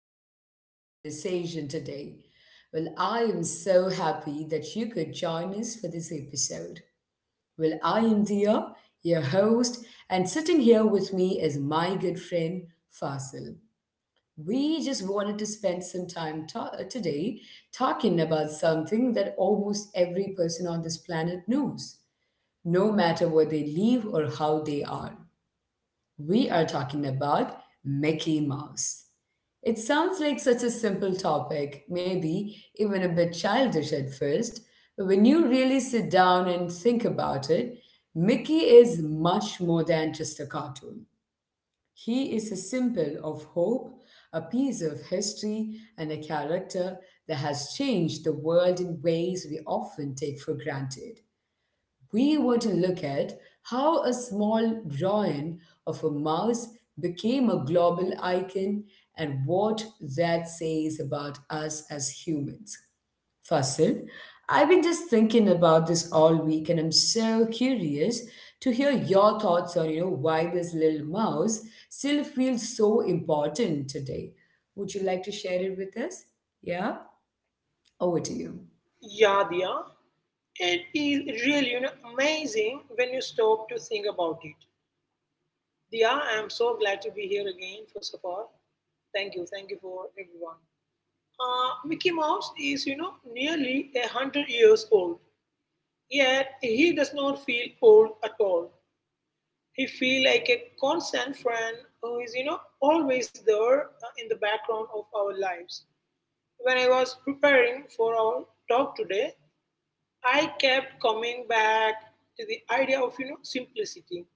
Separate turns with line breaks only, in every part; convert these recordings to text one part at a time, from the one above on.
welcome to our conversation today. I am so happy that you could join us for this episode. I am Dia, your host, and sitting here with me is my good friend Fasil. We just wanted to spend some time today talking about something that almost every person on this planet knows, no matter where they live or how they are. We are talking about Mickey Mouse. It sounds like such a simple topic, maybe even a bit childish at first, but when you really sit down and think about it, Mickey is much more than just a cartoon. He is a symbol of hope, a piece of history, and a character that has changed the world in ways we often take for granted. We were to look at how a small drawing of a mouse became a global icon and what that says about us as humans. Fasil, I've been just thinking about this all week and I'm so curious to hear your thoughts on, you know, why this little mouse still feels so important today. Would you like to share it with us? Yeah? Over to you.
Yadnya. It is really amazing when you stop to think about it. Diya, I am so glad to be here again, first of all. Thank you for everyone. Mickey Mouse is, you know, nearly a hundred years old, yet he does not feel old at all. He feels like a constant friend who is, you know, always there in the background of our lives. When I was preparing for our talk today, I kept coming back to the idea of simplicity.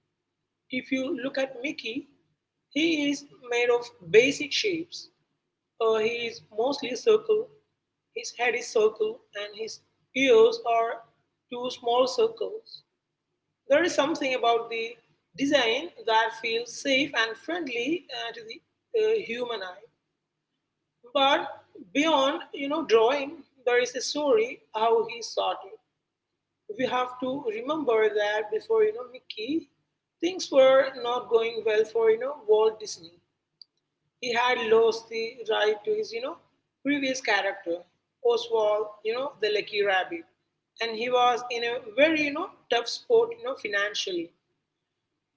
If you look at Mickey, he is made of basic shapes. He is mostly circle. His head is circle, and his ears are two small circles. There is something about the design that feels safe and friendly to the human eye. But beyond drawing, there is a story how he started. We have to remember that before Mickey, things were not going well for Walt Disney. He had lost the right to his previous character Oswald, you know the Lucky Rabbit, and he was in a very tough spot financially.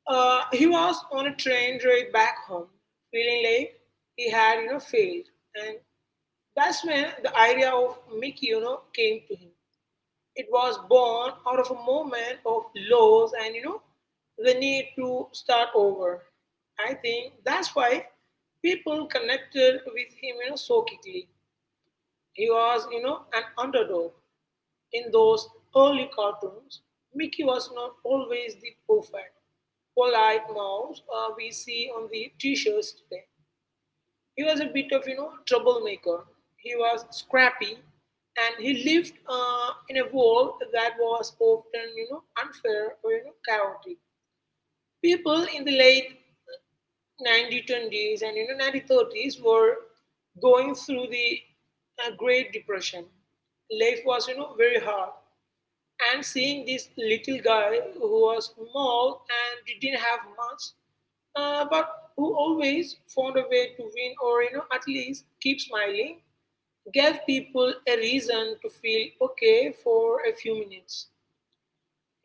He was on a train ride back home, feeling like he had failed, and that's when the idea of Mickey came to him. It was born out of a moment of loss and the need to start over. I think that's why people connected with him so quickly. He was an underdog in those early cartoons. Mickey was not always the perfect, polite mouse we see on the t-shirts today. He was a bit of troublemaker. He was scrappy, and he lived in a world that was often unfair or chaotic. People in the late 1920s and 1930s were going through the Great Depression. Life was very hard. And seeing this little guy who was small and didn't have much, but who always found a way to win or at least keep smiling, gave people a reason to feel okay for a few minutes.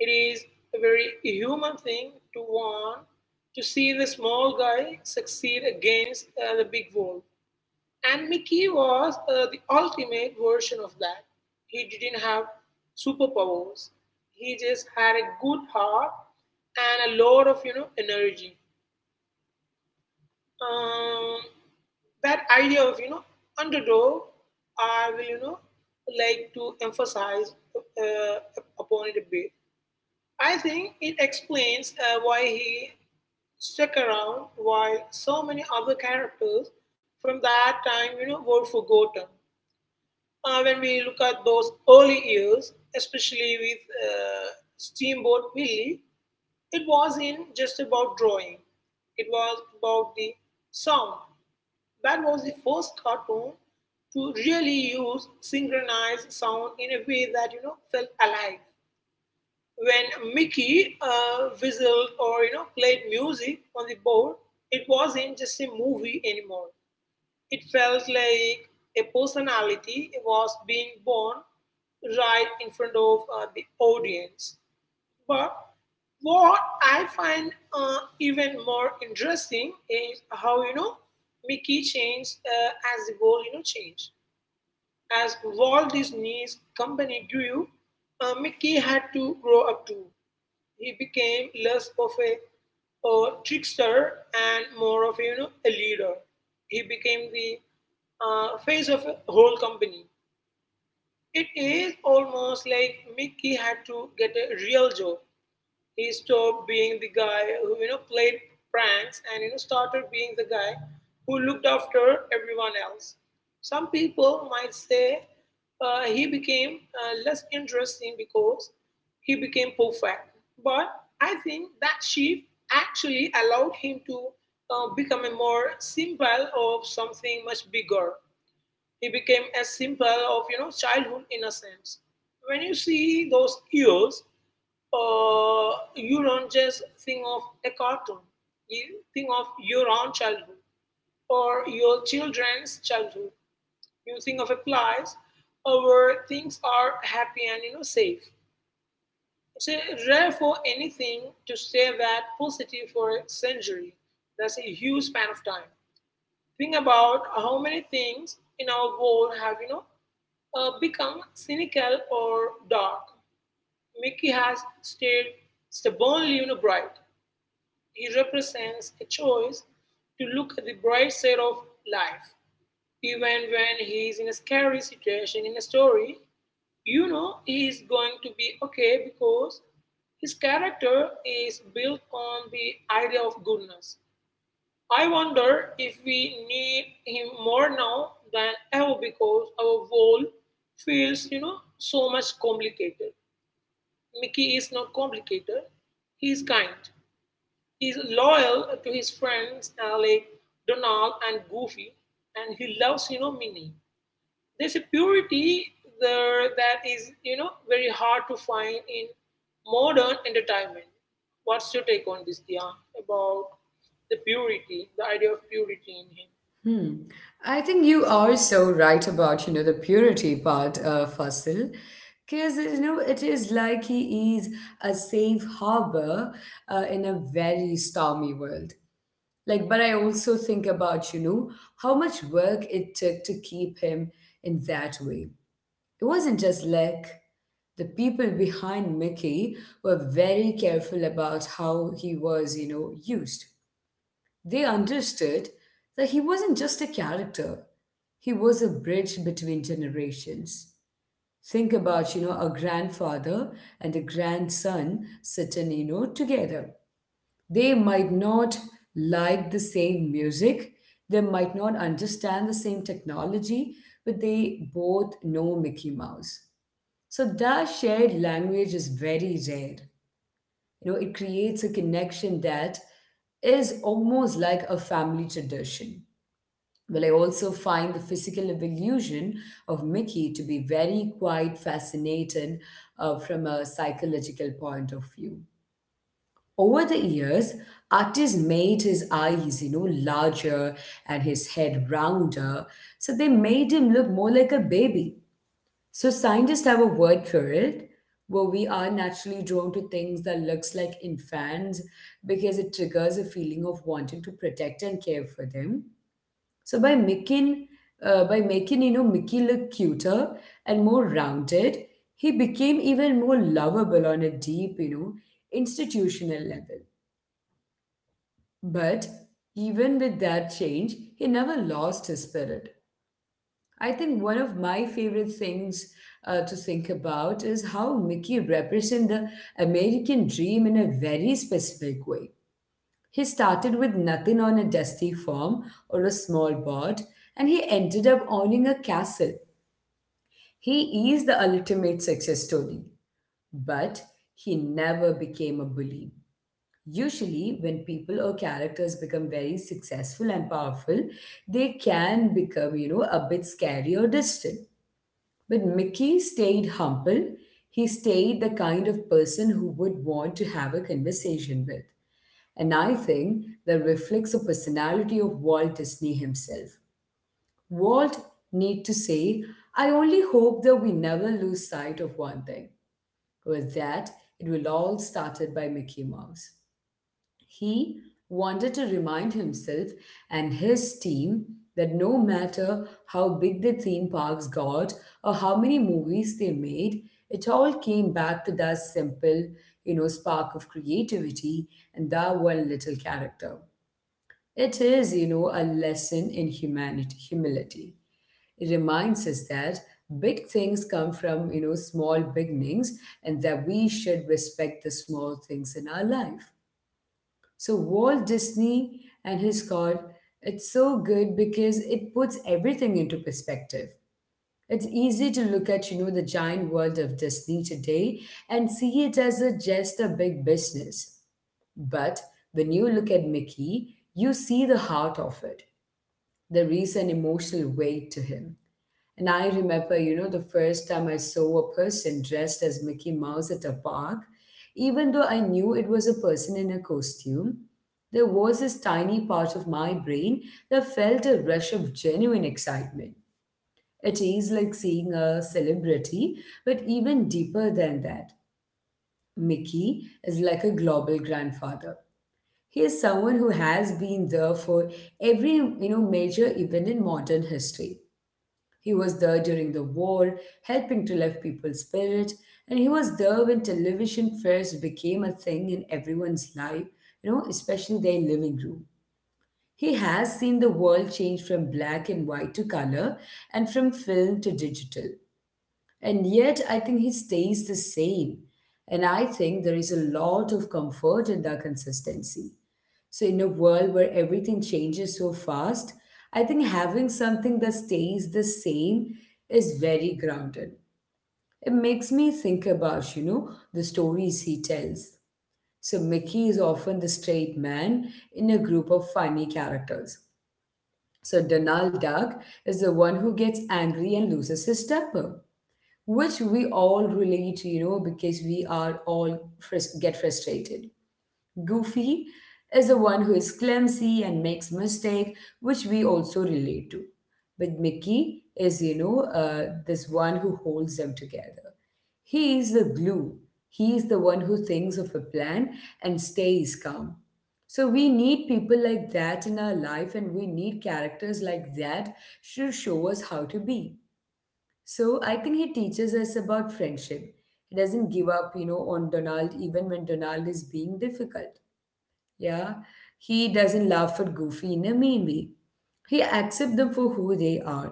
It is a very human thing to want to see the small guy succeed against the big world. And Mickey was the ultimate version of that. He didn't have superpowers. He just had a good heart and a lot of energy. Um, that idea of underdog, I will like to emphasize upon it a bit. I think it explains why he stuck around, why so many other characters from that time were forgotten. When we look at those early years, especially with uh, Steamboat Willie, it was in just about drawing. It was about the sound. That was the first cartoon to really use synchronized sound in a way that felt alive. When Mickey whistled or played music on the board, it wasn't just a movie anymore. It felt like a personality was being born right in front of the audience. But what I find even more interesting is how Mickey changed as the world changed. As Walt Disney's company grew, Mickey had to grow up too. He became less of a trickster and more of a, you know, a leader. He became the face of a whole company. It is almost like Mickey had to get a real job. He stopped being the guy who played pranks and started being the guy who looked after everyone else. Some people might say he became less interesting because he became perfect, but I think that shift actually allowed him to become a more symbol of something much bigger. He became a symbol of childhood innocence. When you see those ears, you don't just think of a cartoon. You think of your own childhood or your children's childhood. You think of a place where things are happy and safe. It's rare for anything to stay that positive for a century. That's a huge span of time. Think about how many things in our world have, you know, become cynical or dark. Mickey has stayed stubbornly, you know, bright. He represents a choice to look at the bright side of life. Even when he is in a scary situation in a story, you know he is going to be okay because his character is built on the idea of goodness. I wonder if we need him more now than ever because our world feels, you know, so much complicated. Mickey is not complicated. He is kind. He is loyal to his friends like Donald and Goofy, and he loves, you know, Minnie. There's a purity there that is, you know, very hard to find in modern entertainment. What's your take on this, Dia, about the purity, the idea of purity in him?
Hmm. I think you are so right about, you know, the purity part, Fasil. Because, you know, it is like he is a safe harbor in a very stormy world. Like, but I also think about, you know, how much work it took to keep him in that way. It wasn't just luck. The people behind Mickey were very careful about how he was, you know, used. They understood that he wasn't just a character, he was a bridge between generations. Think about, you know, a grandfather and a grandson sitting, you know, together. They might not like the same music, they might not understand the same technology, but they both know Mickey Mouse. So that shared language is very rare. You know, it creates a connection that is almost like a family tradition. Well, I also find the physical evolution of Mickey to be very quite fascinating from a psychological point of view. Over the years, artists made his eyes, you know, larger and his head rounder, so they made him look more like a baby. So scientists have a word for it, where we are naturally drawn to things that looks like infants because it triggers a feeling of wanting to protect and care for them. So by making you know Mickey look cuter and more rounded, he became even more lovable on a deep you know institutional level. But even with that change, he never lost his spirit. I think one of my favorite things to think about is how Mickey represents the American dream in a very specific way. He started with nothing on a dusty farm or a small boat, and he ended up owning a castle. He is the ultimate success story, but he never became a bully. Usually, when people or characters become very successful and powerful, they can become, you know, a bit scary or distant. But Mickey stayed humble. He stayed the kind of person who would want to have a conversation with. And I think that reflects the personality of Walt Disney himself. Walt need to say, I only hope that we never lose sight of one thing. With that, it will all started by Mickey Mouse. He wanted to remind himself and his team that no matter how big the theme parks got or how many movies they made, it all came back to that simple, you know, spark of creativity and that one little character. It is, you know, a lesson in humanity, humility. It reminds us that big things come from, you know, small beginnings and that we should respect the small things in our life. So Walt Disney and his card, it's so good because it puts everything into perspective. It's easy to look at, you know, the giant world of Disney today and see it as a, just a big business. But when you look at Mickey, you see the heart of it. There is an emotional weight to him. And I remember, you know, the first time I saw a person dressed as Mickey Mouse at a park, even though I knew it was a person in a costume, there was this tiny part of my brain that felt a rush of genuine excitement. It is like seeing a celebrity, but even deeper than that, Mickey is like a global grandfather. He is someone who has been there for every you know major event in modern history. He was there during the war, helping to lift people's spirit, and he was there when television first became a thing in everyone's life, you know, especially their living room. He has seen the world change from black and white to color and from film to digital. And yet, I think he stays the same. And I think there is a lot of comfort in that consistency. So, in a world where everything changes so fast, I think having something that stays the same is very grounded. It makes me think about, you know, the stories he tells. So, Mickey is often the straight man in a group of funny characters. So, Donald Duck is the one who gets angry and loses his temper, which we all relate to, you know, because we are all get frustrated. Goofy is the one who is clumsy and makes mistake, which we also relate to. But Mickey is, you know, this one who holds them together. He is the glue. He is the one who thinks of a plan and stays calm. So we need people like that in our life, and we need characters like that to show us how to be. So I think he teaches us about friendship. He doesn't give up, you know, on Donald even when Donald is being difficult. Yeah, he doesn't laugh at Goofy in a mean way. He accepts them for who they are.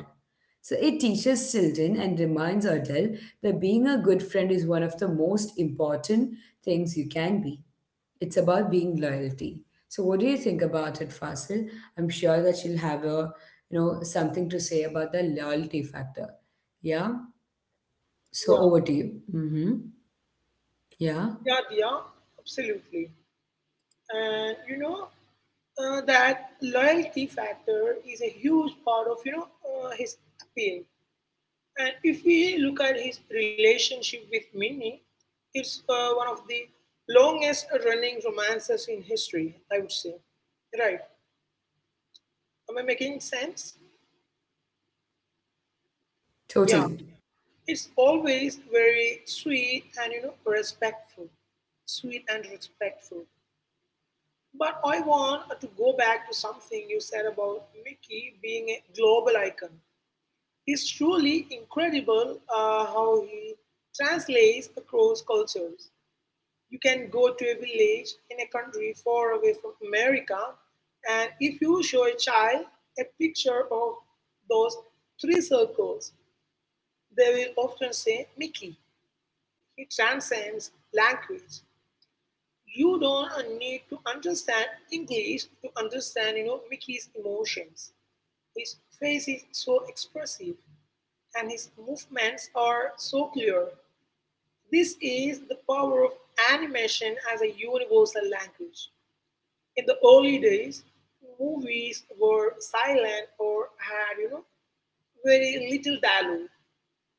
So it teaches children and reminds adults that being a good friend is one of the most important things you can be. It's about being loyalty. So what do you think about it, Fasil? I'm sure that she will have a you know something to say about the loyalty factor. Yeah. So
Yeah,
over to you. Mm-hmm. Yeah.
yeah, yeah, absolutely. And that loyalty factor is a huge part of his appeal. And if we look at his relationship with Minnie, it's one of the longest running romances in history. I would say, right? Am I making sense? Yeah,
Totally.
it's always very sweet and respectful, sweet and respectful. But I want to go back to something you said about Mickey being a global icon. It's truly incredible how he translates across cultures. You can go to a village in a country far away from America, and if you show a child a picture of those three circles, they will often say, Mickey. He transcends language. You don't need to understand English to understand, you know, Mickey's emotions. His face is so expressive and his movements are so clear. This is the power of animation as a universal language. In the early days, movies were silent or had, you know, very little dialogue.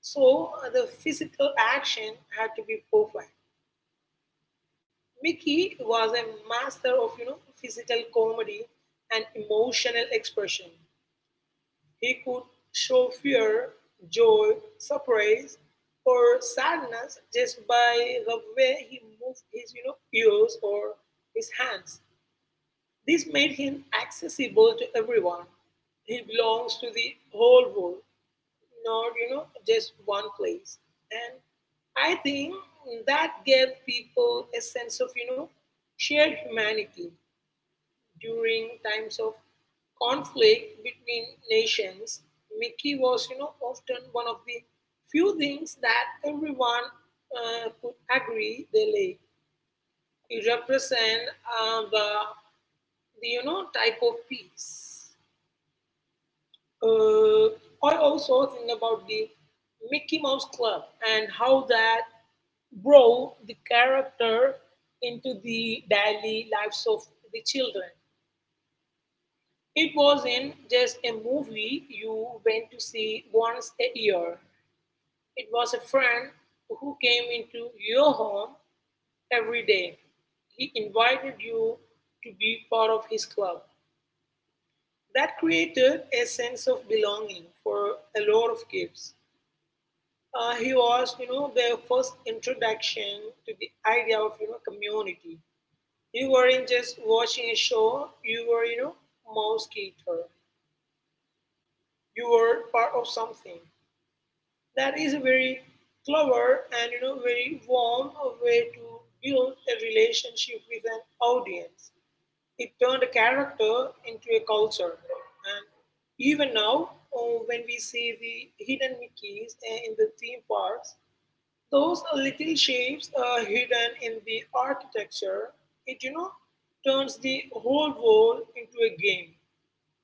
So the physical action had to be perfect. Mickey was a master of physical comedy and emotional expression. He could show fear, joy, surprise, or sadness just by the way he moved his ears or his hands. This made him accessible to everyone. He belongs to the whole world, not just one place, and I think that gave people a sense of shared humanity. During times of conflict between nations, Mickey was often one of the few things that everyone could agree they like. It represent the type of peace. Uh, I also think about the Mickey Mouse Club and how that brought the character into the daily lives of the children. It wasn't just a movie you went to see once a year, it was a friend who came into your home every day. He invited you to be part of his club. That created a sense of belonging for a lot of kids. He was, you know, their first introduction to the idea of, you know, community. You weren't just watching a show, you were, you know, mouse. You were part of something. That is a very clever and, you know, very warm way to build a relationship with an audience. It turned a character into a culture. And even now, when we see the hidden Mickeys in the theme parks, those little shapes are hidden in the architecture. It, you know, turns the whole wall into a game.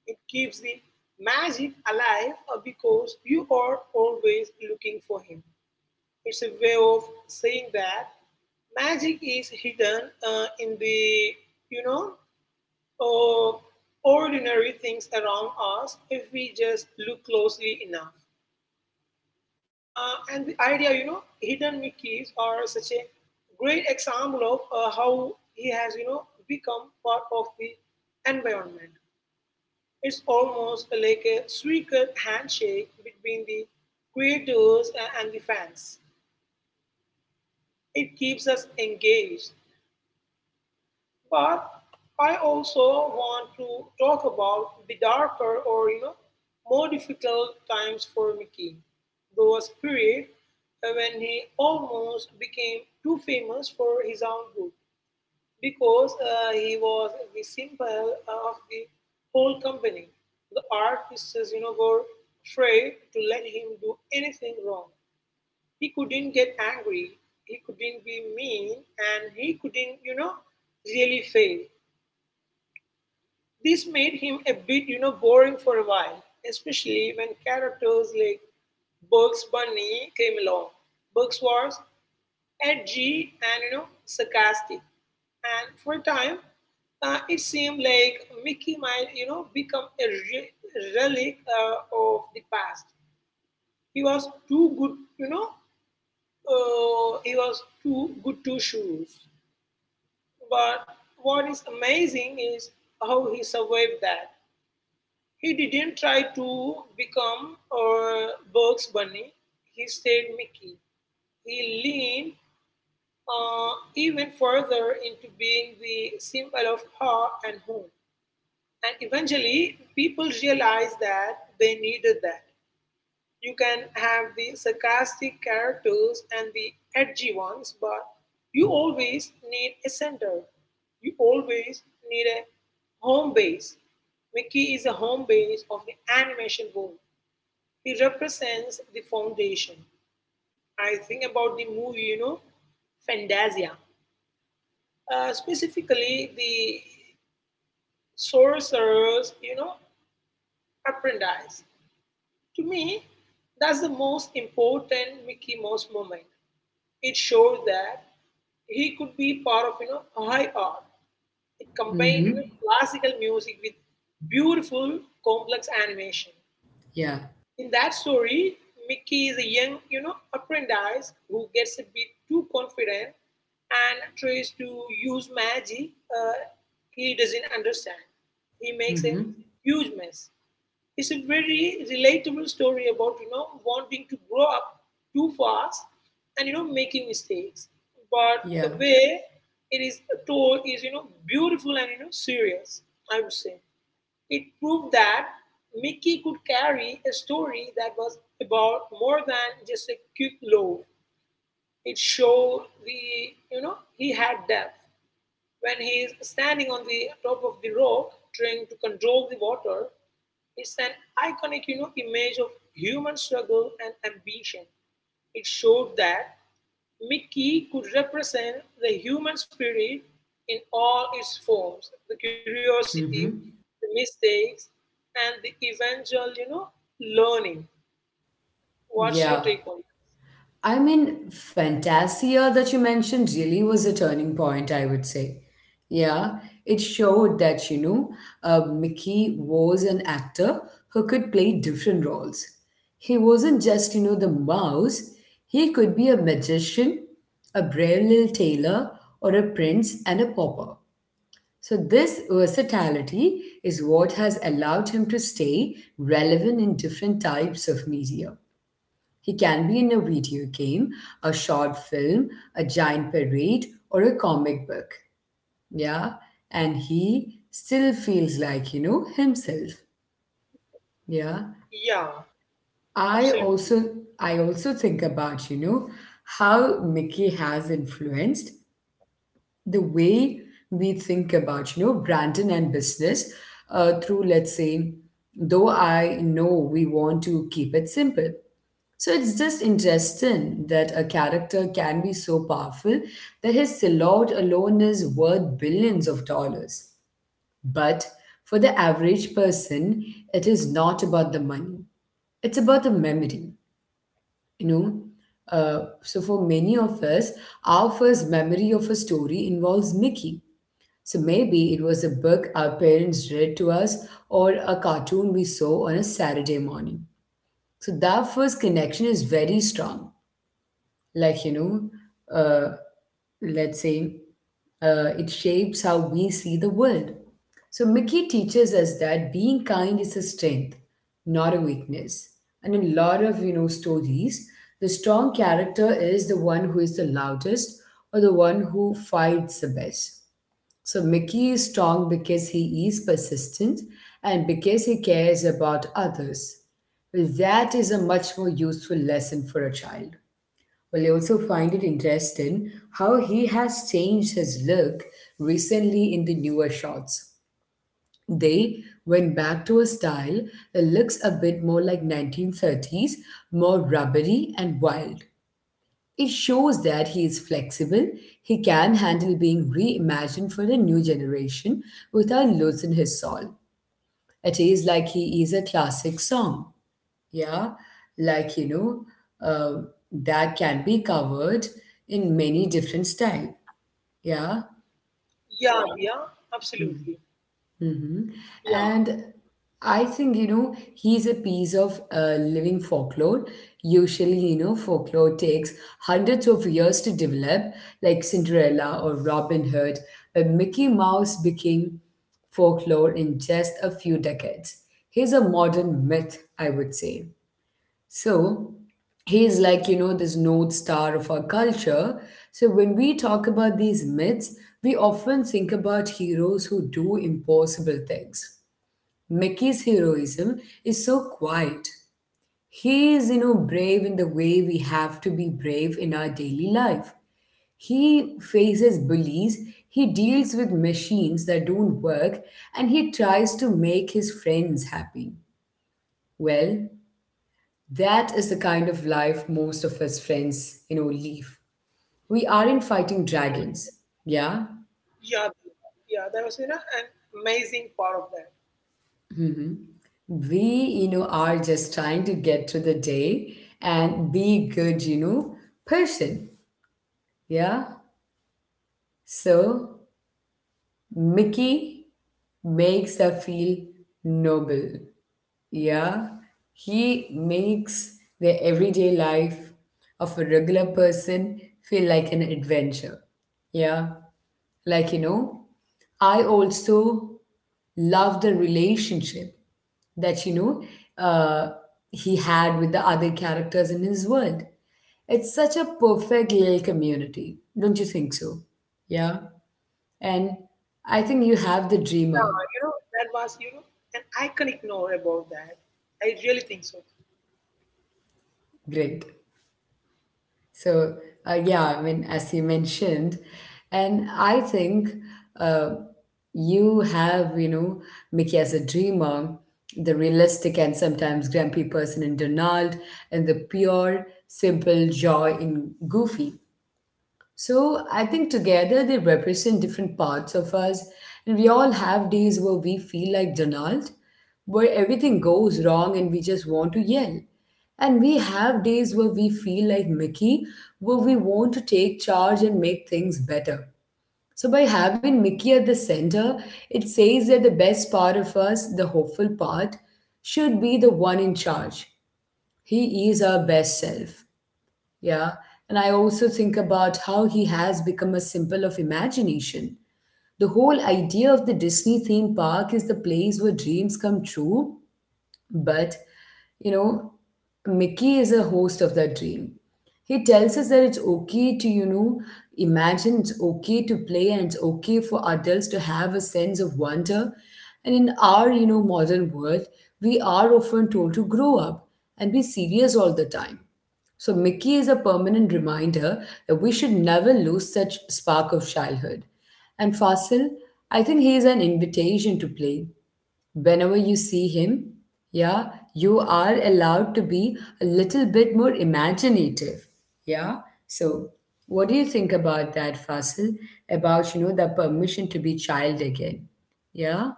It keeps the magic alive because you are always looking for him. It's a way of saying that magic is hidden in the, you know, uh, ordinary things around us if we just look closely enough. And the idea, you know, hidden Mickeys are such a great example of how he has, you know, become part of the environment. It's almost like a secret handshake between the creators and the fans. It keeps us engaged. But I also want to talk about the darker or more difficult times for Mickey. There was a period when he almost became too famous for his own good because he was the symbol of the whole company. The artists, you know, were afraid to let him do anything wrong. He couldn't get angry. He couldn't be mean, and he couldn't, you know, really fail. This made him a bit, you know, boring for a while, especially when characters like Bugs Bunny came along. Bugs was edgy and, you know, sarcastic. And for a time, it seemed like Mickey might, you know, become a relic of the past. He was too good, you know, he was too good to shoes. But what is amazing is how he survived that. He didn't try to become Bugs Bunny, he stayed Mickey. He leaned even further into being the symbol of her and home. And eventually, people realized that they needed that. You can have the sarcastic characters and the edgy ones, but you always need a center. You always need a home base. Mickey is a home base of the animation world. He represents the foundation. I think about the movie, Fantasia, specifically the sorcerer's apprentice. To me, that's the most important Mickey Mouse moment. It showed that he could be part of, high art. It combined,
Mm-hmm.
classical music with beautiful, complex animation.
Yeah.
In that story, Mickey is a young, apprentice who gets a bit too confident and tries to use magic, he doesn't understand. He makes a
Mm-hmm.
huge mess. It's a very relatable story about wanting to grow up too fast and making mistakes. But the
Yeah.
way it is told is beautiful and serious, I would say. It proved that Mickey could carry a story that was about more than just a quick laugh. It showed the he had depth. When he is standing on the top of the rock trying to control the water, it's an iconic image of human struggle and ambition. It showed that Mickey could represent the human spirit in all its forms: the curiosity, the
Mm-hmm.
mistakes, and the eventual, learning. What's your take
Yeah.
on it?
I mean, Fantasia that you mentioned really was a turning point, I would say. Yeah. It showed that, you know, Mickey was an actor who could play different roles. He wasn't just, you know, the mouse, he could be a magician, a brave little tailor, or a prince and a pauper. So, this versatility is what has allowed him to stay relevant in different types of media. He can be in a video game, a short film, a giant parade, or a comic book. Yeah. And he still feels like, you know, himself. Yeah.
Yeah,
I
absolutely.
also I also think about, you know, how Mickey has influenced the way we think about, you know, Brandon and business through, let's say, though I know we want to keep it simple. So it's just interesting that a character can be so powerful that his silhouette alone is worth billions of dollars. But for the average person, it is not about the money. It's about the memory, you know. So for many of us, our first memory of a story involves Mickey. So maybe it was a book our parents read to us or a cartoon we saw on a Saturday morning. So that first connection is very strong like you know uh, let's say it shapes how we see the world. So Mickey teaches us that being kind is a strength, not a weakness. And in a lot of you know stories, the strong character is the one who is the loudest or the one who fights the best. So Mickey is strong because he is persistent and because he cares about others. That is a much more useful lesson for a child. Well, I also find it interesting how he has changed his look recently in the newer shots. They went back to a style that looks a bit more like 1930s, more rubbery and wild. It shows that he is flexible, he can handle being reimagined for a new generation without losing his soul. It is like he is a classic song. Yeah, like you know, that can be covered in many different style. Yeah.
Yeah, yeah, absolutely.
Mm-hmm. Mm-hmm.
Yeah,
And I think, you know, he's a piece of living folklore. Usually, you know, folklore takes hundreds of years to develop, like Cinderella or Robin Hood, but Mickey Mouse became folklore in just a few decades. He's a modern myth, I would say. So he's like, you know, this North Star of our culture. So when we talk about these myths, we often think about heroes who do impossible things. Mickey's heroism is so quiet. He is, you know, brave in the way we have to be brave in our daily life. He faces bullies, he deals with machines that don't work, and he tries to make his friends happy. Well, that is the kind of life most of us friends, you know, live. We aren't fighting dragons, yeah?
yeah, yeah. That was, an amazing part of that.
We, you know, are just trying to get through the day and be good, you know, person, yeah? So, Mickey makes us feel noble, yeah? He makes the everyday life of a regular person feel like an adventure, yeah? Like, you know, I also love the relationship that he had with the other characters in his world. It's such a perfect little community, don't you think so? Yeah, and I think you have the
Yeah,
dreamer.
you know, that was, an iconic note about that. I really think so.
Great. So, yeah, I mean, as you mentioned, and I think uh, you have, you know, Mickey as a dreamer, the realistic and sometimes grumpy person in Donald, and the pure, simple joy in Goofy. So I think together they represent different parts of us, and we all have days where we feel like Donald, where everything goes wrong and we just want to yell. And we have days where we feel like Mickey, where we want to take charge and make things better. So by having Mickey at the center, it says that the best part of us, the hopeful part, should be the one in charge. He is our best self. Yeah. And I also think about how he has become a symbol of imagination. The whole idea of the Disney theme park is the place where dreams come true. But, you know, Mickey is a host of that dream. He tells us that it's okay to, you know, imagine, it's okay to play, and it's okay for adults to have a sense of wonder. And in our, you know, modern world, we are often told to grow up and be serious all the time. So Mickey is a permanent reminder that we should never lose such spark of childhood. And Fasil, I think he is an invitation to play. Whenever you see him, yeah, you are allowed to be a little bit more imaginative. Yeah. So what do you think about that, Fasil? About, you know, the permission to be child again. Yeah?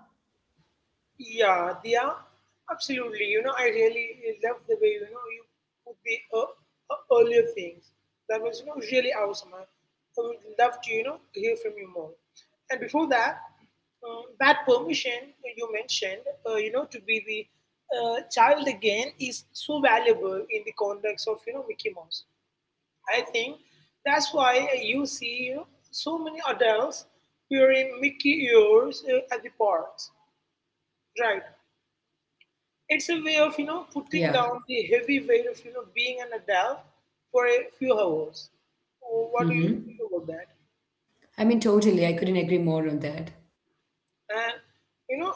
Yeah, Diya, absolutely. You know, I really love the way you put the earlier things. That was really awesome. I would love to hear from you more. And before that, that permission you mentioned, you know, to be the child again is so valuable in the context of Mickey Mouse. I think that's why you see so many adults wearing Mickey ears at the parks, right? It's a way of putting
Yeah.
down the heavy weight of being an adult for a few hours. Oh, what do you think
Mm-hmm.
about that?
I mean, totally. I couldn't agree more on that.
And you know,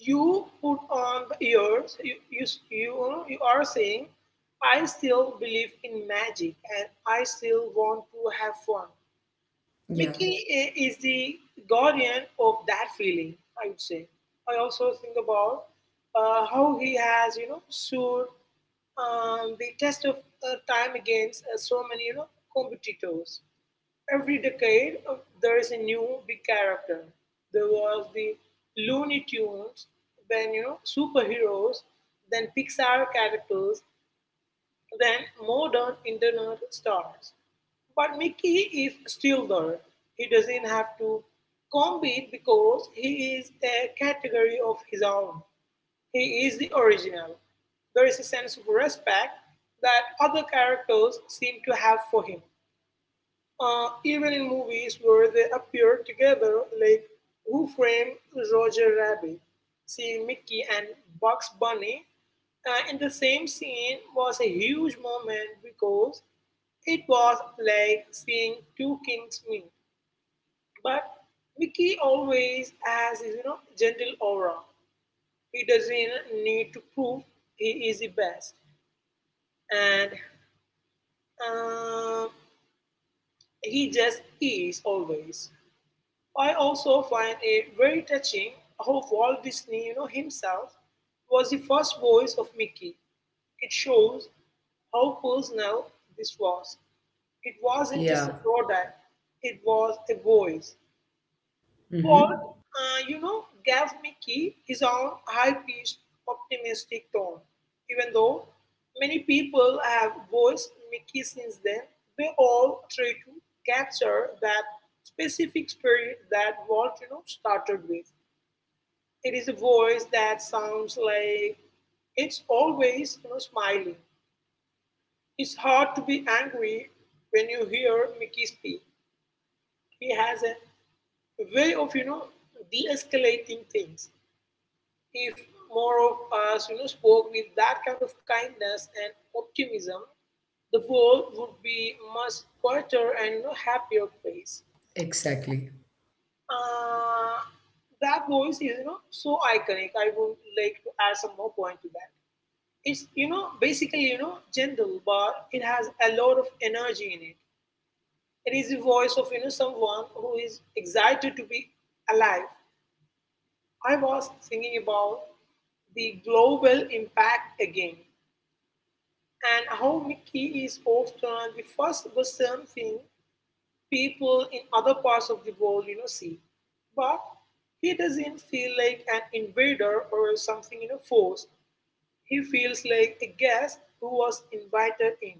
you put on the ears. You know, you are saying, I still believe in magic and I still want to have fun.
Yeah.
Mickey is the guardian of that feeling, I would say. I also think about how he has, you know, stood the test of time against so many, competitors. Every decade, there is a new big character. There was the Looney Tunes, then, superheroes, then Pixar characters, than modern internet stars. But Mickey is still there. He doesn't have to compete because he is a category of his own. He is the original. There is a sense of respect that other characters seem to have for him, even in movies where they appear together, like Who Framed Roger Rabbit? Seeing Mickey and Bugs Bunny in the same scene was a huge moment because it was like seeing two kings meet. But Mickey always has his, gentle aura. He doesn't need to prove he is the best, and uh, he just is, always. I also find it very touching how Walt Disney, himself was the first voice of Mickey. It shows how personal this was. It wasn't just
Yeah.
a product, it was a voice. Paul,
Mm-hmm.
you know, gave Mickey his own high-pitched, optimistic tone. Even though many people have voiced Mickey since then, they all try to capture that specific spirit that Walt, started with. It is a voice that sounds like it's always, smiling. It's hard to be angry when you hear Mickey speak. He has a way of, de-escalating things. If more of us, spoke with that kind of kindness and optimism, the world would be much quieter and happier place.
Exactly.
Uh, that voice is so iconic. I would like to add some more point to that. It's basically gentle, but it has a lot of energy in it. It is the voice of someone who is excited to be alive. I was thinking about the global impact again and how Mickey is often the first person thing people in other parts of the world, see. But he doesn't feel like an invader or something, forced. He feels like a guest who was invited in.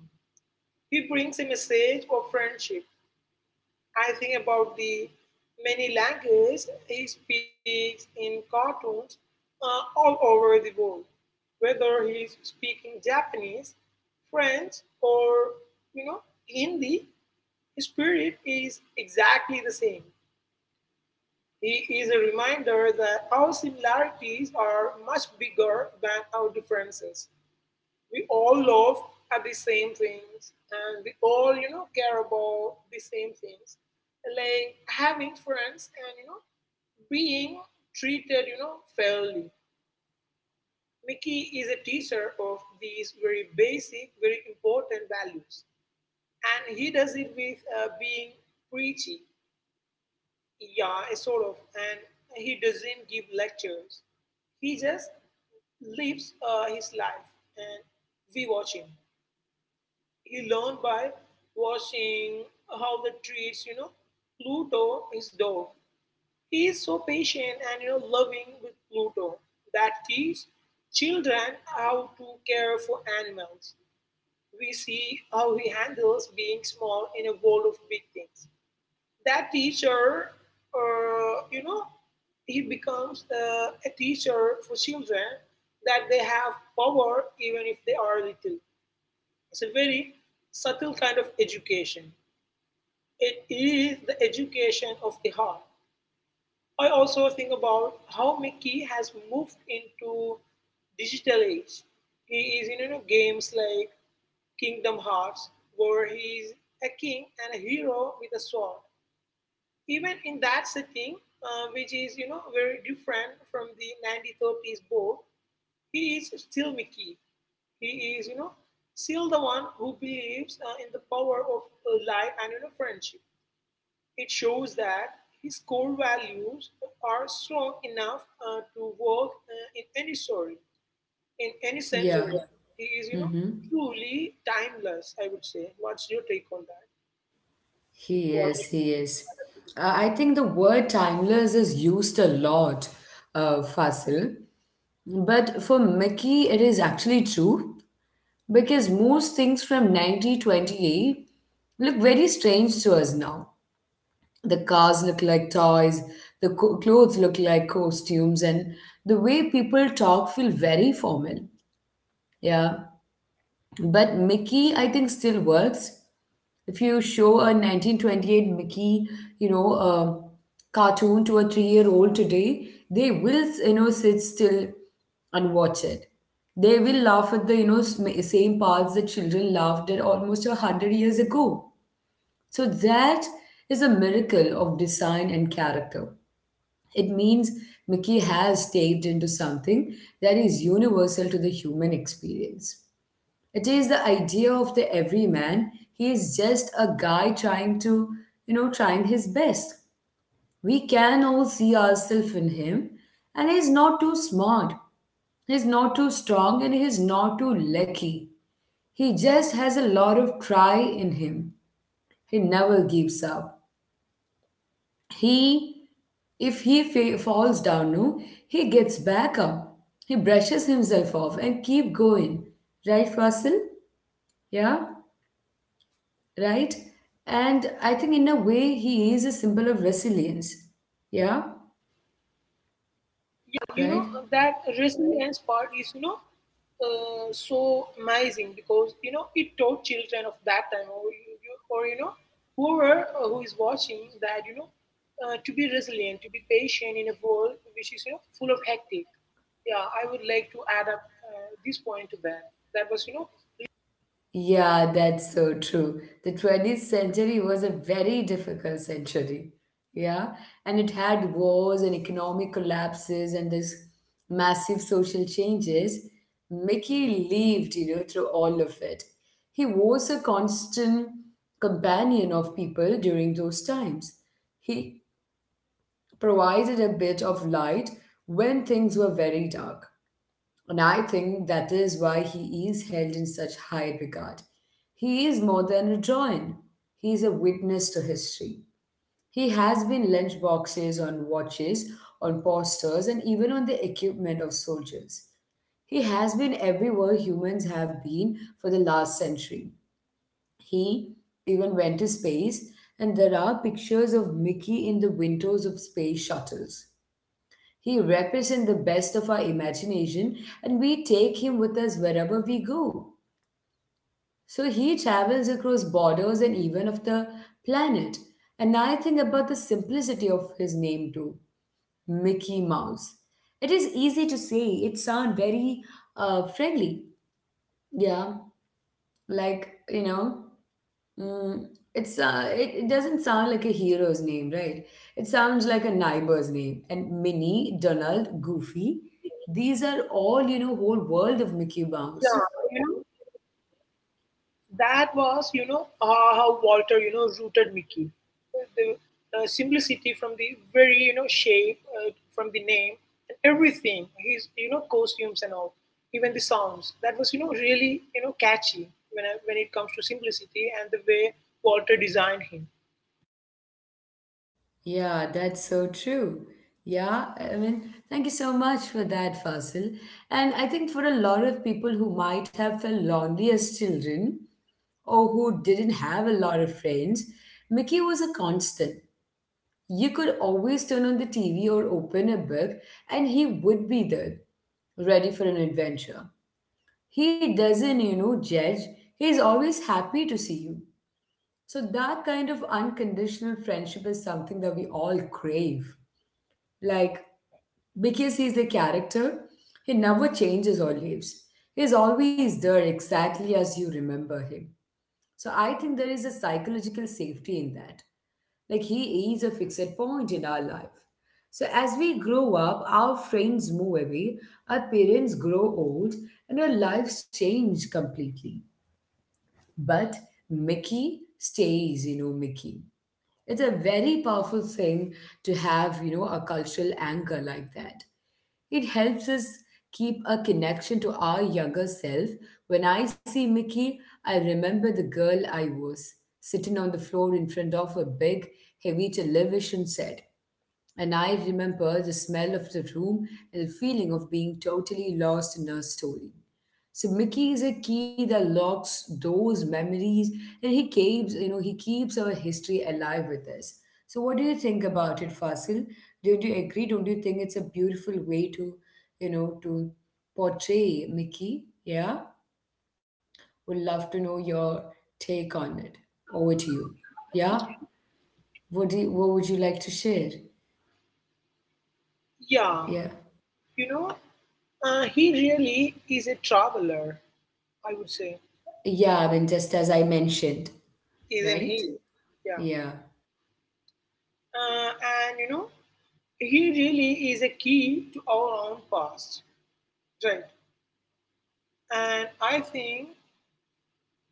He brings a message of friendship. I think about the many languages he speaks in cartoons all over the world, whether he is speaking Japanese, French, or you know Hindi. His spirit is exactly the same. He is a reminder that our similarities are much bigger than our differences. We all love at the same things, and we all care about the same things, like having friends and being treated fairly. Mickey is a teacher of these very basic, very important values, and he does it with being preachy, yeah, sort of. And he doesn't give lectures, he just lives his life, and we watch him. He learned by watching how the treats, Pluto, his dog. He is so patient and loving with Pluto, that teaches children how to care for animals. We see how he handles being small in a world of big things. That teacher, uh, you know, he becomes a teacher for children, that they have power even if they are little. It's a very subtle kind of education. It is the education of the heart. I also think about how Mickey has moved into digital age. He is in, games like Kingdom Hearts, where he is a king and a hero with a sword. Even in that setting, which is very different from the 1930s book, he is still Mickey. He is, still the one who believes in the power of, light and, friendship. It shows that his core values are strong enough to work in any story, in any
Yeah.
century. He is,
Mm-hmm.
truly timeless, I would say. What's your take on that?
He is. He is. I think the word timeless is used a lot, Fasil. But for Mickey, it is actually true because most things from 1928 look very strange to us now. The cars look like toys, the clothes look like costumes, and the way people talk feel very formal. Yeah. But Mickey, I think, still works. If you show a 1928 Mickey, you know, cartoon to a three-year-old today, they will, you know, sit still and watch it. They will laugh at the, you know, same parts that children laughed at almost a hundred years ago. So that is a miracle of design and character. It means Mickey has taped into something that is universal to the human experience. It is the idea of the everyman. He is just a guy trying to, you know, trying his best. We can all see ourselves in him, and he's not too smart. He's not too strong and he's not too lucky. He just has a lot of try in him. He never gives up. He, if he falls down, no, he gets back up. He brushes himself off and keep going. Right, Russell? Yeah? Right? And I think in a way he is a symbol of resilience. Yeah,
Yeah, you know,
right?
that resilience part is, so amazing because, it taught children of that time, or, you know, whoever who is watching that, to be resilient, to be patient in a world which is, full of hectic. Yeah, I would like to add up this point to that. That was,
Yeah, that's so true. The 20th century was a very difficult century. Yeah, and it had wars and economic collapses and this massive social changes. Mickey lived, you know, through all of it. He was a constant companion of people during those times. He provided a bit of light when things were very dark. And I think that is why he is held in such high regard. He is more than a drawing, he is a witness to history. He has been lunch boxes on watches, on posters, and even on the equipment of soldiers. He has been everywhere humans have been for the last century. He even went to space, and there are pictures of Mickey in the windows of space shuttles. He represents the best of our imagination and we take him with us wherever we go. So he travels across borders and even of the planet. And I think about the simplicity of his name too, Mickey Mouse. It is easy to say, it sounds very friendly. Yeah, like, you know. Mm, it's it doesn't sound like a hero's name, right? It sounds like a neighbor's name. And Minnie, Donald, Goofy, these are all you know,
yeah,
whole world
you
of
know,
Mickey Mouse.
that was, how Walter, rooted Mickey. The simplicity from the very, shape, from the name, and everything. His, costumes and all, even the sounds. That was, really, catchy when it comes to simplicity and the way Walter designed him.
Yeah, that's so true. Yeah, I mean, thank you so much for that, Fasil. And I think for a lot of people who might have felt lonely as children or who didn't have a lot of friends, Mickey was a constant. You could always turn on the TV or open a book, and he would be there, ready for an adventure. He doesn't, you know, judge. He's always happy to see you. So, that kind of unconditional friendship is something that we all crave. Like, because he's the character, he never changes or leaves. He's always there exactly as you remember him. So, I think there is a psychological safety in that. Like he is a fixed point in our life. So as we grow up, our friends move away, our parents grow old, and our lives change completely. But Mickey stays, you know, Mickey. It's a very powerful thing to have, you know, a cultural anchor like that. It helps us keep a connection to our younger self. When I see Mickey, I remember the girl I was, sitting on the floor in front of a big, heavy television set and I remember the smell of the room and the feeling of being totally lost in a story. So Mickey is a key that locks those memories and he keeps, you know, he keeps our history alive with us. So what do you think about it, Fasil? Do you agree? Don't you think it's a beautiful way to, you know, to portray Mickey? Yeah? Would love to know your take on it. Over to you. Yeah? What would you like to share?
Yeah,
Yeah.
you know, he really is a traveler, I would say,
Yeah, I mean, just as I mentioned,
isn't
right?
he? Yeah.
Yeah,
And you know, he really is a key to our own past, right? And I think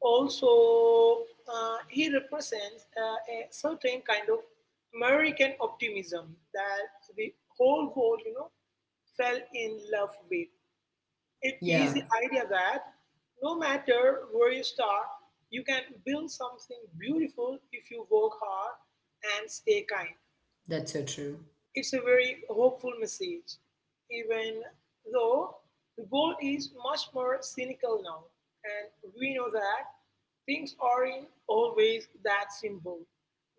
also he represents a certain kind of American optimism that the whole world, fell in love with. It is
yeah,
the idea that no matter where you start, you can build something beautiful if you work hard and stay kind.
that's so true.
It's a very hopeful message, even though the world is much more cynical now, and we know that things aren't always that simple.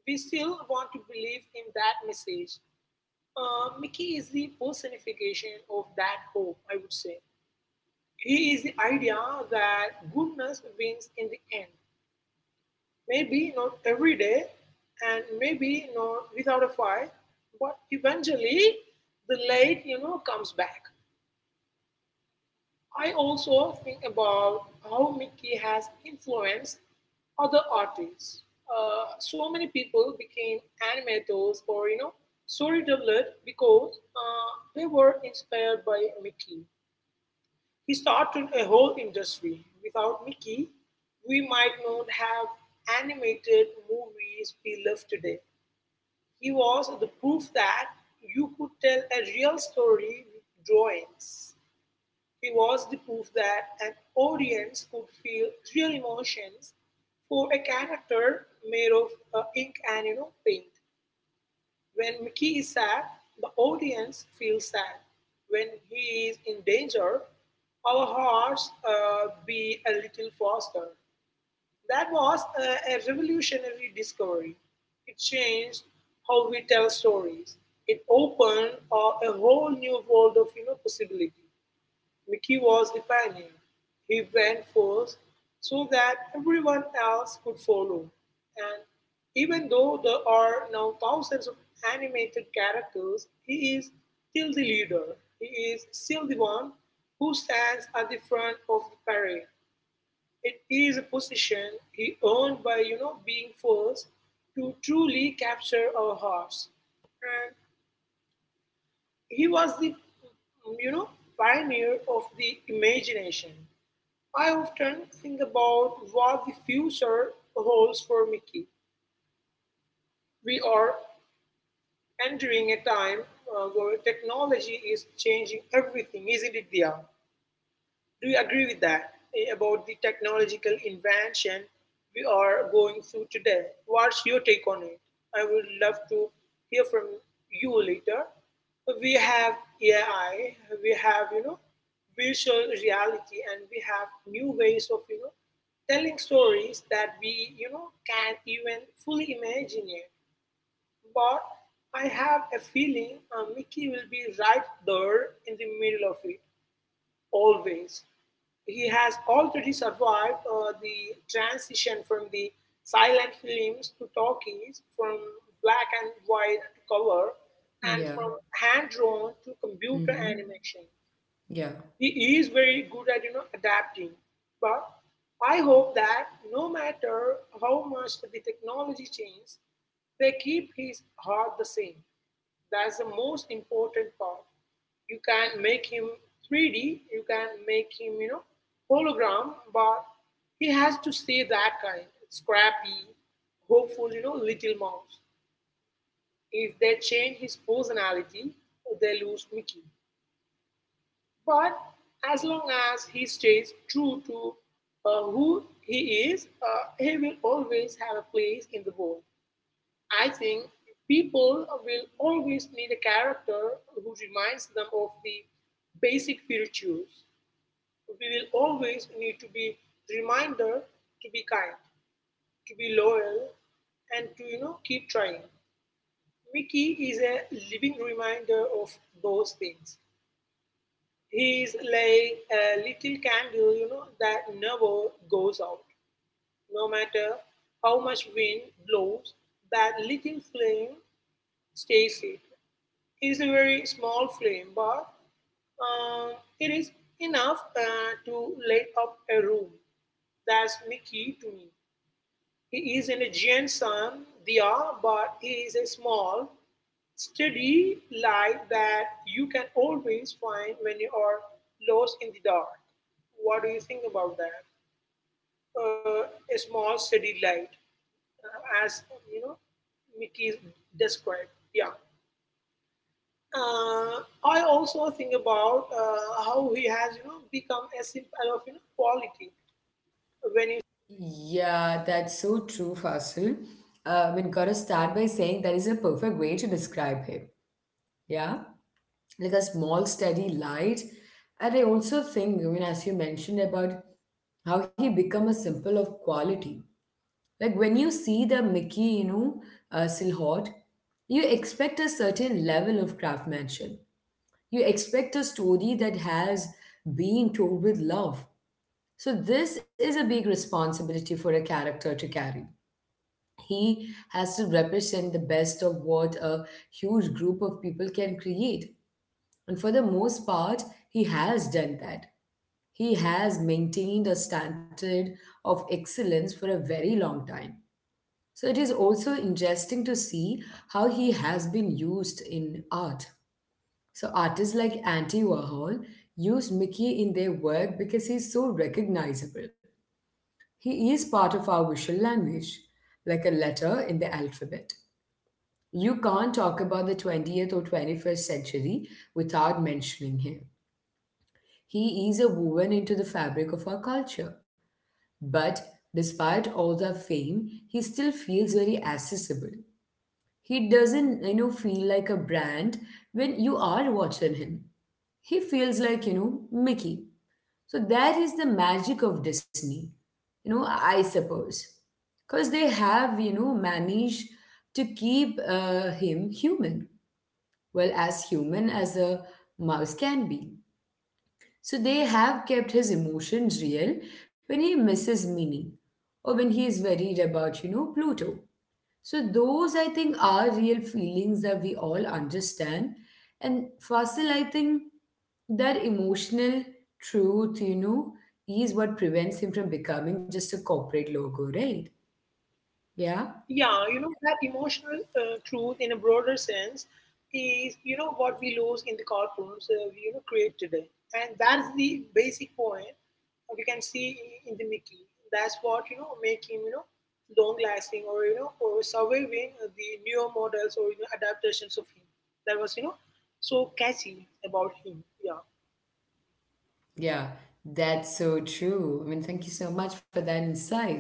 We still want to believe in that message. Mickey is the personification of that hope, I would say. He is the idea that goodness wins in the end. Maybe not every day, and maybe not without a fight, but eventually the light, comes back. I also think about how Mickey has influenced other artists. So many people became animators or storytellers because they were inspired by Mickey. He started a whole industry. Without Mickey, we might not have animated movies we love today. He was the proof that you could tell a real story with drawings. He was the proof that an audience could feel real emotions for a character made of ink and paint. When Mickey is sad, the audience feels sad. When he is in danger, our hearts beat a little faster. That was a revolutionary discovery. It changed how we tell stories. It opened a whole new world of, possibility. Mickey was the pioneer. He went first so that everyone else could follow. And even though there are now thousands of animated characters, he is still the leader. He is still the one who stands at the front of the parade. It is a position he earned by being first to truly capture our hearts. And he was the you know pioneer of the imagination. I often think about what the future holds for Mickey. We are entering a time where technology is changing everything, isn't it, Dia? Do you agree with that about the technological invention we are going through today? What's your take on it? I would love to hear from you later. We have AI, we have virtual reality, and we have new ways of telling stories that we can't even fully imagine yet. But I have a feeling Mickey will be right there in the middle of it always. He has already survived the transition from the silent films to talkies, from black and white to color, and
Yeah,
from hand drawn to computer
mm-hmm.
animation.
Yeah,
He is very good at adapting, but I hope that no matter how much the technology changes, they keep his heart the same. That's the most important part. You can make him 3D, you can make him hologram, but he has to stay that kind, scrappy, hopeful, you know, little mouse. If they change his personality, they lose Mickey. But as long as he stays true to who he is, he will always have a place in the world. I think people will always need a character who reminds them of the basic virtues. We will always need to be reminder to be kind, to be loyal, and to keep trying. Mickey is a living reminder of those things. He's like a little candle, you know, that never goes out. No matter how much wind blows, that little flame stays it. It is a very small flame, but um, it is enough to light up a room. That's Mickey to me. He is an Gentian Dia, but he is a small, steady light that you can always find when you are lost in the dark. What do you think about that? Uh, a small, steady light, as you know, Mickey described. Yeah. I also think about how he has, you know, become a symbol of quality when you.
yeah, that's so true, Fasil. I mean, gotta start by saying that is a perfect way to describe him. Yeah, like a small, steady light. And I also think, I mean, as you mentioned about how he become a symbol of quality. Like when you see the Mickey, you know, silhouette, you expect a certain level of craftsmanship. You expect a story that has been told with love. So, this is a big responsibility for a character to carry. He has to represent the best of what a huge group of people can create. And for the most part, he has done that. He has maintained a standard of excellence for a very long time. So, it is also interesting to see how he has been used in art. So artists like Andy Warhol use Mickey in their work because he's so recognizable. He is part of our visual language, like a letter in the alphabet. You can't talk about the 20th or 21st century without mentioning him. He is a woven into the fabric of our culture. But despite all the fame, he still feels very accessible. He doesn't, you know, feel like a brand when you are watching him. He feels like, you know, Mickey. So that is the magic of Disney, you know, I suppose. Because they have, you know, managed to keep him human. Well, as human as a mouse can be. So they have kept his emotions real when he misses Minnie or when he is worried about, you know, Pluto. So those I think are real feelings that we all understand. And Fasil, I think that emotional truth, you know, is what prevents him from becoming just a corporate logo, right? Yeah,
Yeah, you know, that emotional truth in a broader sense is, you know, what we lose in the cartoons we, you know, create today. And that's the basic point we can see in the Mickey. That's what, you know, making, you know, long lasting or, you know, or surviving the newer models or, you know, adaptations of him. That was, you know, so catchy about him. Yeah.
yeah, that's so true. I mean, thank you so much for that insight.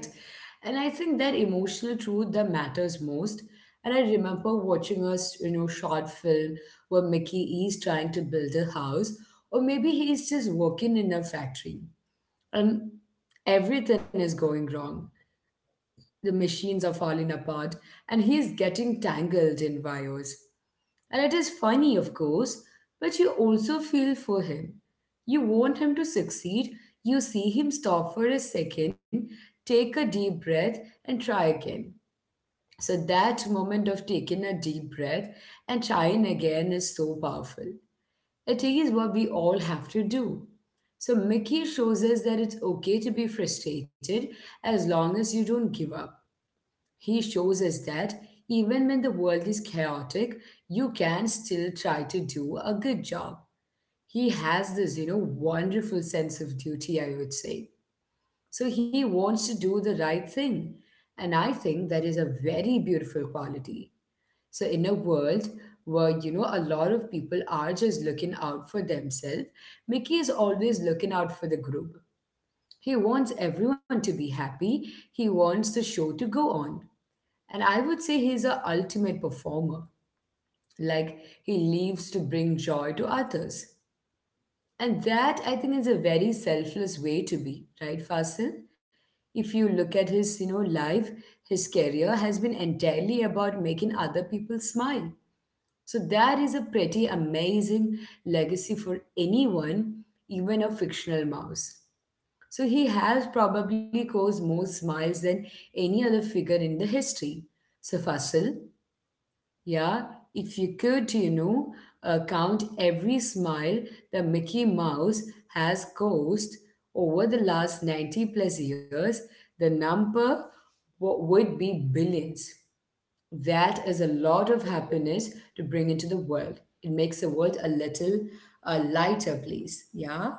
And I think that emotional truth that matters most. And I remember watching a you know short film where Mickey is trying to build a house, or maybe he's just working in a factory and everything is going wrong. The machines are falling apart, and he is getting tangled in wires. And it is funny, of course, but you also feel for him. You want him to succeed, you see him stop for a second, take a deep breath, and try again. So, that moment of taking a deep breath and trying again is so powerful. It is what we all have to do. So Mickey shows us that it's okay to be frustrated as long as you don't give up. He shows us that even when the world is chaotic, you can still try to do a good job. He has this, wonderful sense of duty, I would say. So he wants to do the right thing. And I think that is a very beautiful quality. So in a world where a lot of people are just looking out for themselves, Mickey is always looking out for the group. He wants everyone to be happy. He wants the show to go on. And I would say he's a ultimate performer. Like he lives to bring joy to others. And that I think is a very selfless way to be, right, Fasil? If you look at his, life, his career has been entirely about making other people smile. So that is a pretty amazing legacy for anyone, even a fictional mouse. So he has probably caused more smiles than any other figure in the history. So Fasil, yeah, if you could, count every smile that Mickey Mouse has caused over the last 90 plus years, the number would be billions. That is a lot of happiness to bring into the world. It makes the world a little a lighter place. Yeah.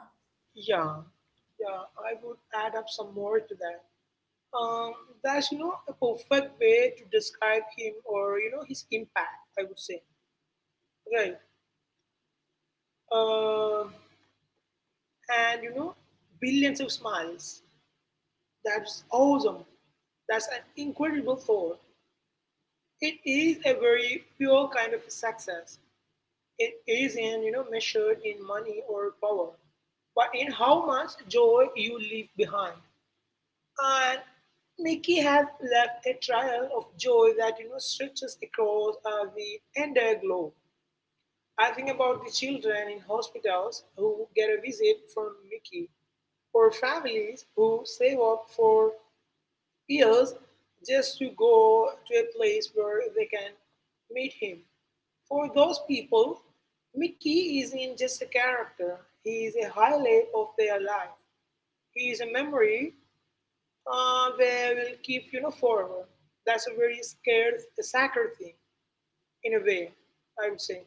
Yeah. Yeah. I would add up some more to that. Um, there's no a perfect way to describe him or his impact. I would say right, uh, and billions of smiles. That's awesome. That's an incredible thought. It is a very pure kind of success. It isn't measured in money or power, but in how much joy you leave behind. And Mickey has left a trail of joy that stretches across the entire globe. I think about the children in hospitals who get a visit from Mickey, or families who save up for years just to go to a place where they can meet him. For those people, Mickey isn't just a character, he is a highlight of their life. He is a memory they will keep, you know, forever. That's a very scared, sacred thing, in a way, I would say.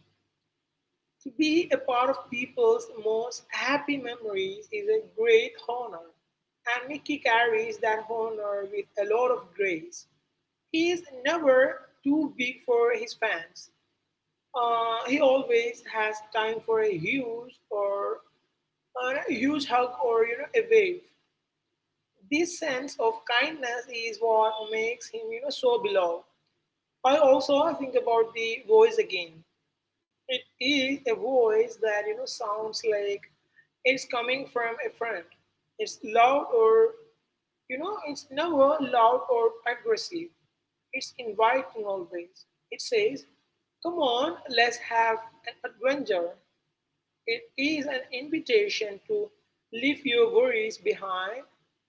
To be a part of people's most happy memories is a great honor, and Mickey carries that honor with a lot of grace. He is never too big for his fans. He always has time for a huge or a huge hug or a wave. This sense of kindness is what makes him you know, so beloved. I also think about the voice again. It is a voice that sounds like it's coming from a friend. It's loud or it's never loud or aggressive. It's inviting always. It says, "Come on, let's have an adventure." It is an invitation to leave your worries behind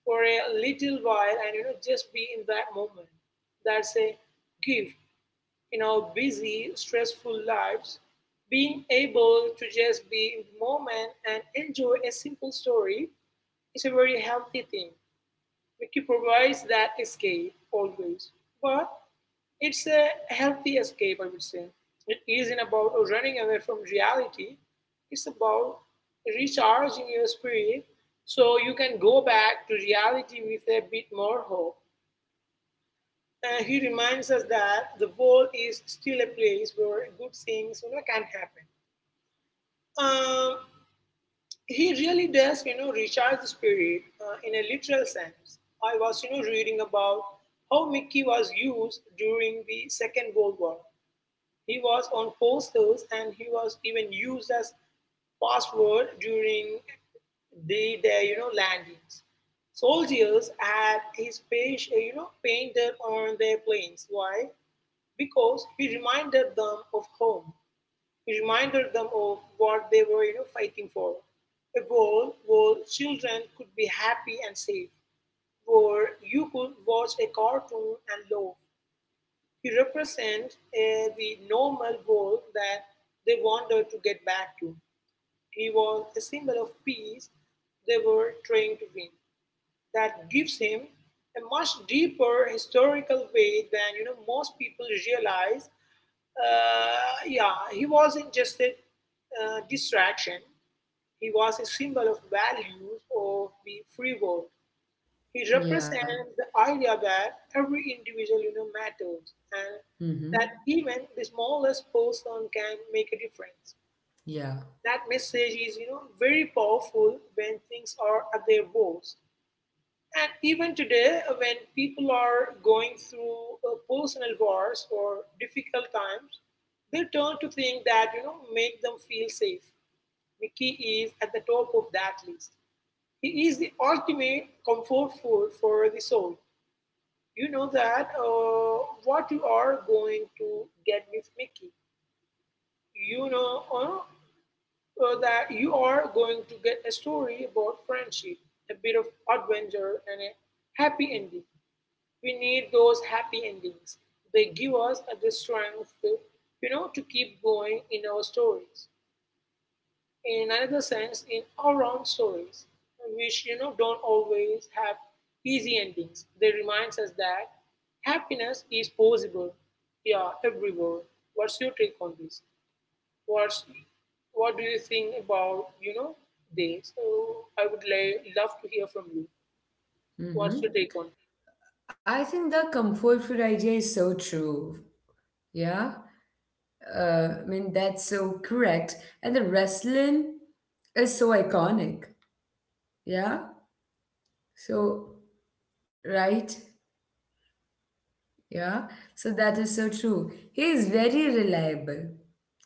for a little while and just be in that moment. That's a gift in our busy, stressful lives. Being able to just be in the moment and enjoy a simple story is a very healthy thing. Mickey provides that escape always. But it's a healthy escape, I would say. It isn't about running away from reality, it's about recharging your spirit so you can go back to reality with a bit more hope. He reminds us that the world is still a place where good things you know, can happen. Um, he really does, you know, recharge the spirit in a literal sense. I was, you know, reading about how Mickey was used during the Second World War. He was on posters and he was even used as password during the their landings. Soldiers had his page you know painted on their planes. Why? Because he reminded them of home. He reminded them of what they were fighting for. A world where children could be happy and safe, where you could watch a cartoon and laugh, he represents a the normal world that they wanted to get back to. He was a symbol of peace they were trying to win. That gives him a much deeper historical weight than most people realize. Yeah, he wasn't just a distraction. He was a symbol of values of the free world. He represents
Yeah.
the idea that every individual matters and that
Mm-hmm.
even the smallest person can make a difference.
Yeah.
That message is very powerful when things are at their worst. And even today, when people are going through personal wars or difficult times, they turn to things that make them feel safe. Mickey is at the top of that list. He is the ultimate comfort food for the soul. You know that what you are going to get with Mickey. You know uh, that you are going to get a story about friendship, a bit of adventure, and a happy ending. We need those happy endings. They give us the strength, to, you know, to keep going in our stories in another sense in our own stories which don't always have easy endings. They remind us that happiness is possible, yeah, everywhere. What's your take on this? What's what do you think about this? So love to hear from you. What's
Mm-hmm.
your take on
I think the comfort food idea is so true. Yeah. I mean, that's so correct. And the wrestling is so iconic. Yeah. So, right? Yeah, so that is so true. He is very reliable.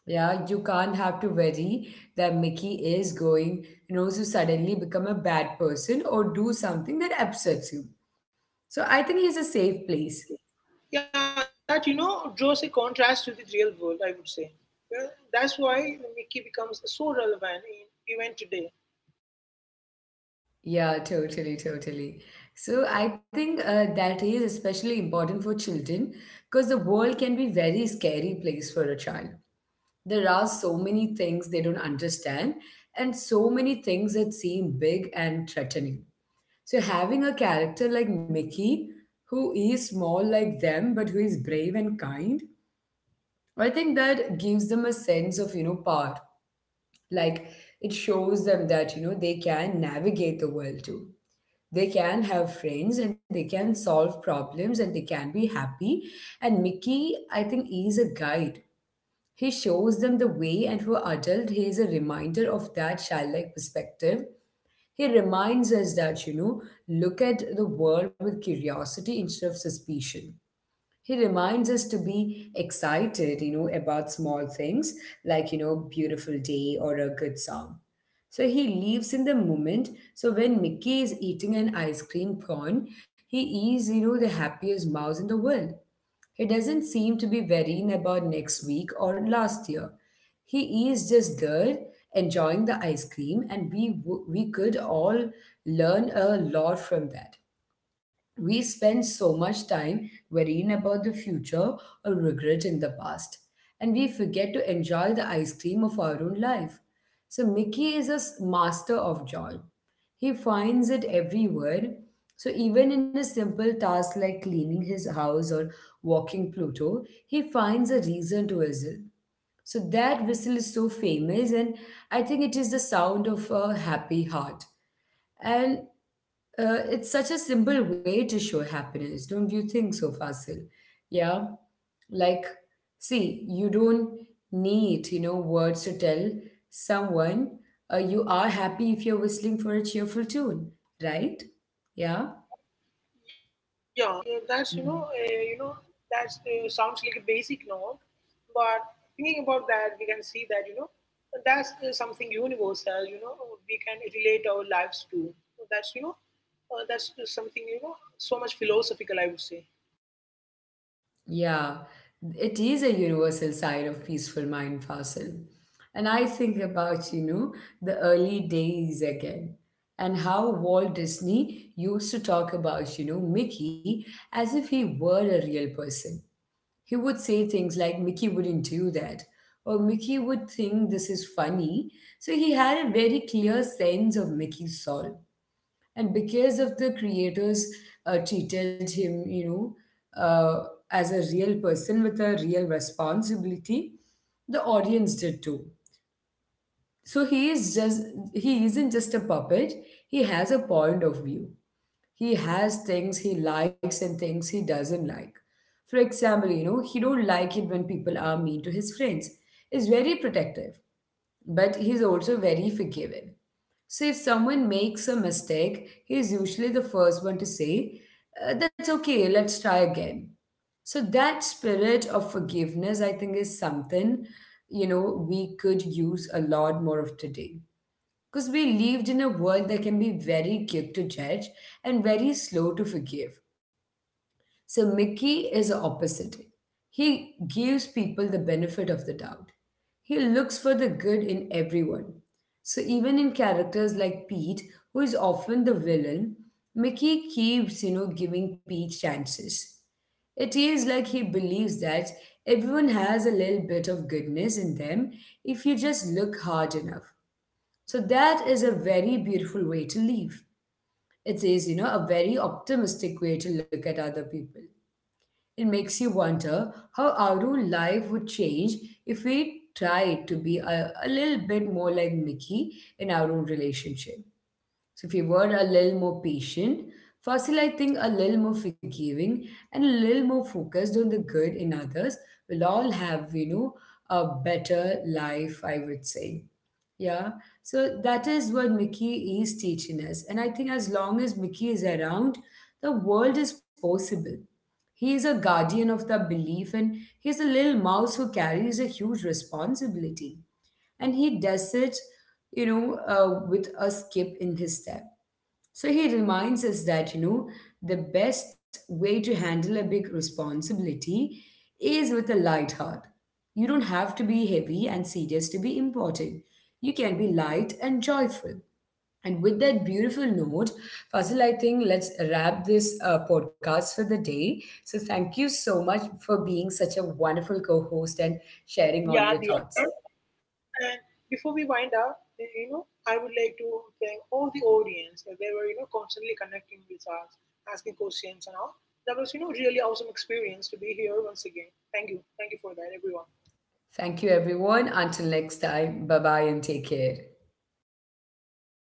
Yeah, you can't have to worry that Mickey is going, to suddenly become a bad person or do something that upsets you. So I think he's a safe place.
yeah that draws a contrast to the real world, I would say. Yeah, that's why Mickey becomes so relevant in even today.
Yeah, totally, totally. So I think that is especially important for children because the world can be very scary place for a child. There are so many things they don't understand and so many things that seem big and threatening. So having a character like Mickey, who is small like them, but who is brave and kind, I think that gives them a sense of, power. Like it shows them that, they can navigate the world too. They can have friends and they can solve problems and they can be happy. And Mickey, I think, is a guide. He shows them the way, and for adult, he is a reminder of that childlike perspective. He reminds us that, look at the world with curiosity instead of suspicion. He reminds us to be excited, about small things like, beautiful day or a good sound. So he lives in the moment. So when Mickey is eating an ice cream cone, he is, the happiest mouse in the world. He doesn't seem to be worrying about next week or last year. He is just there enjoying the ice cream, and we could all learn a lot from that. We spend so much time worrying about the future or regretting the past, and we forget to enjoy the ice cream of our own life. So, Mickey is a master of joy. He finds it everywhere. So, even in a simple task like cleaning his house or walking Pluto, he finds a reason to exist. So that whistle is so famous, and I think it is the sound of a happy heart. And it's such a simple way to show happiness, don't you think so, Fasil? Yeah. Like, see, you don't need, words to tell someone you are happy if you're whistling for a cheerful tune, right? Yeah.
Yeah, yeah, that's that sounds like a basic note, but thinking about that, we can see that that's something universal. You know, we can relate our lives to. That's that's something you know, so much philosophical. I would say.
Yeah, it is a universal side of peaceful mind fossil. And I think about, the early days again and how Walt Disney used to talk about, Mickey as if he were a real person. He would say things like, Mickey wouldn't do that, or Mickey would think this is funny. So he had a very clear sense of Mickey's soul, and because of the creators treated him as a real person with a real responsibility, the audience did too. So he isn't just a puppet. He has a point of view. He has things he likes and things he doesn't like. For example, he don't like it when people are mean to his friends. Is very protective, but he's also very forgiving. So if someone makes a mistake, he's usually the first one to say, That's okay, let's try again." So that spirit of forgiveness, I think, is something, we could use a lot more of today. Because we lived in a world that can be very quick to judge and very slow to forgive. So Mickey is the opposite. He gives people the benefit of the doubt. He looks for the good in everyone. So even in characters like Pete, who is often the villain, Mickey keeps, giving Pete chances. It is like he believes that everyone has a little bit of goodness in them if you just look hard enough. So that is a very beautiful way to live. It is, a very optimistic way to look at other people. It makes you wonder how our own life would change if we tried to be a little bit more like Mickey in our own relationship. So if you were a little more patient, firstly, I think a little more forgiving and a little more focused on the good in others will all have, a better life, I would say. Yeah. So that is what Mickey is teaching us. And I think as long as Mickey is around, the world is possible. He is a guardian of the belief and he is a little mouse who carries a huge responsibility and he does it, with a skip in his step. So he reminds us that, the best way to handle a big responsibility is with a light heart. You don't have to be heavy and serious to be important. You can be light and joyful. And with that beautiful note, Fazil, I think let's wrap this podcast for the day. So thank you so much for being such a wonderful co host and
Yeah.
sharing all your thoughts.
And before we wind up, you know, I would like to thank all the audience. They were constantly connecting with us, asking questions and all. That was really awesome experience to be here once again. Thank you for that, everyone.
Thank you, everyone. Until next time, bye bye and take care.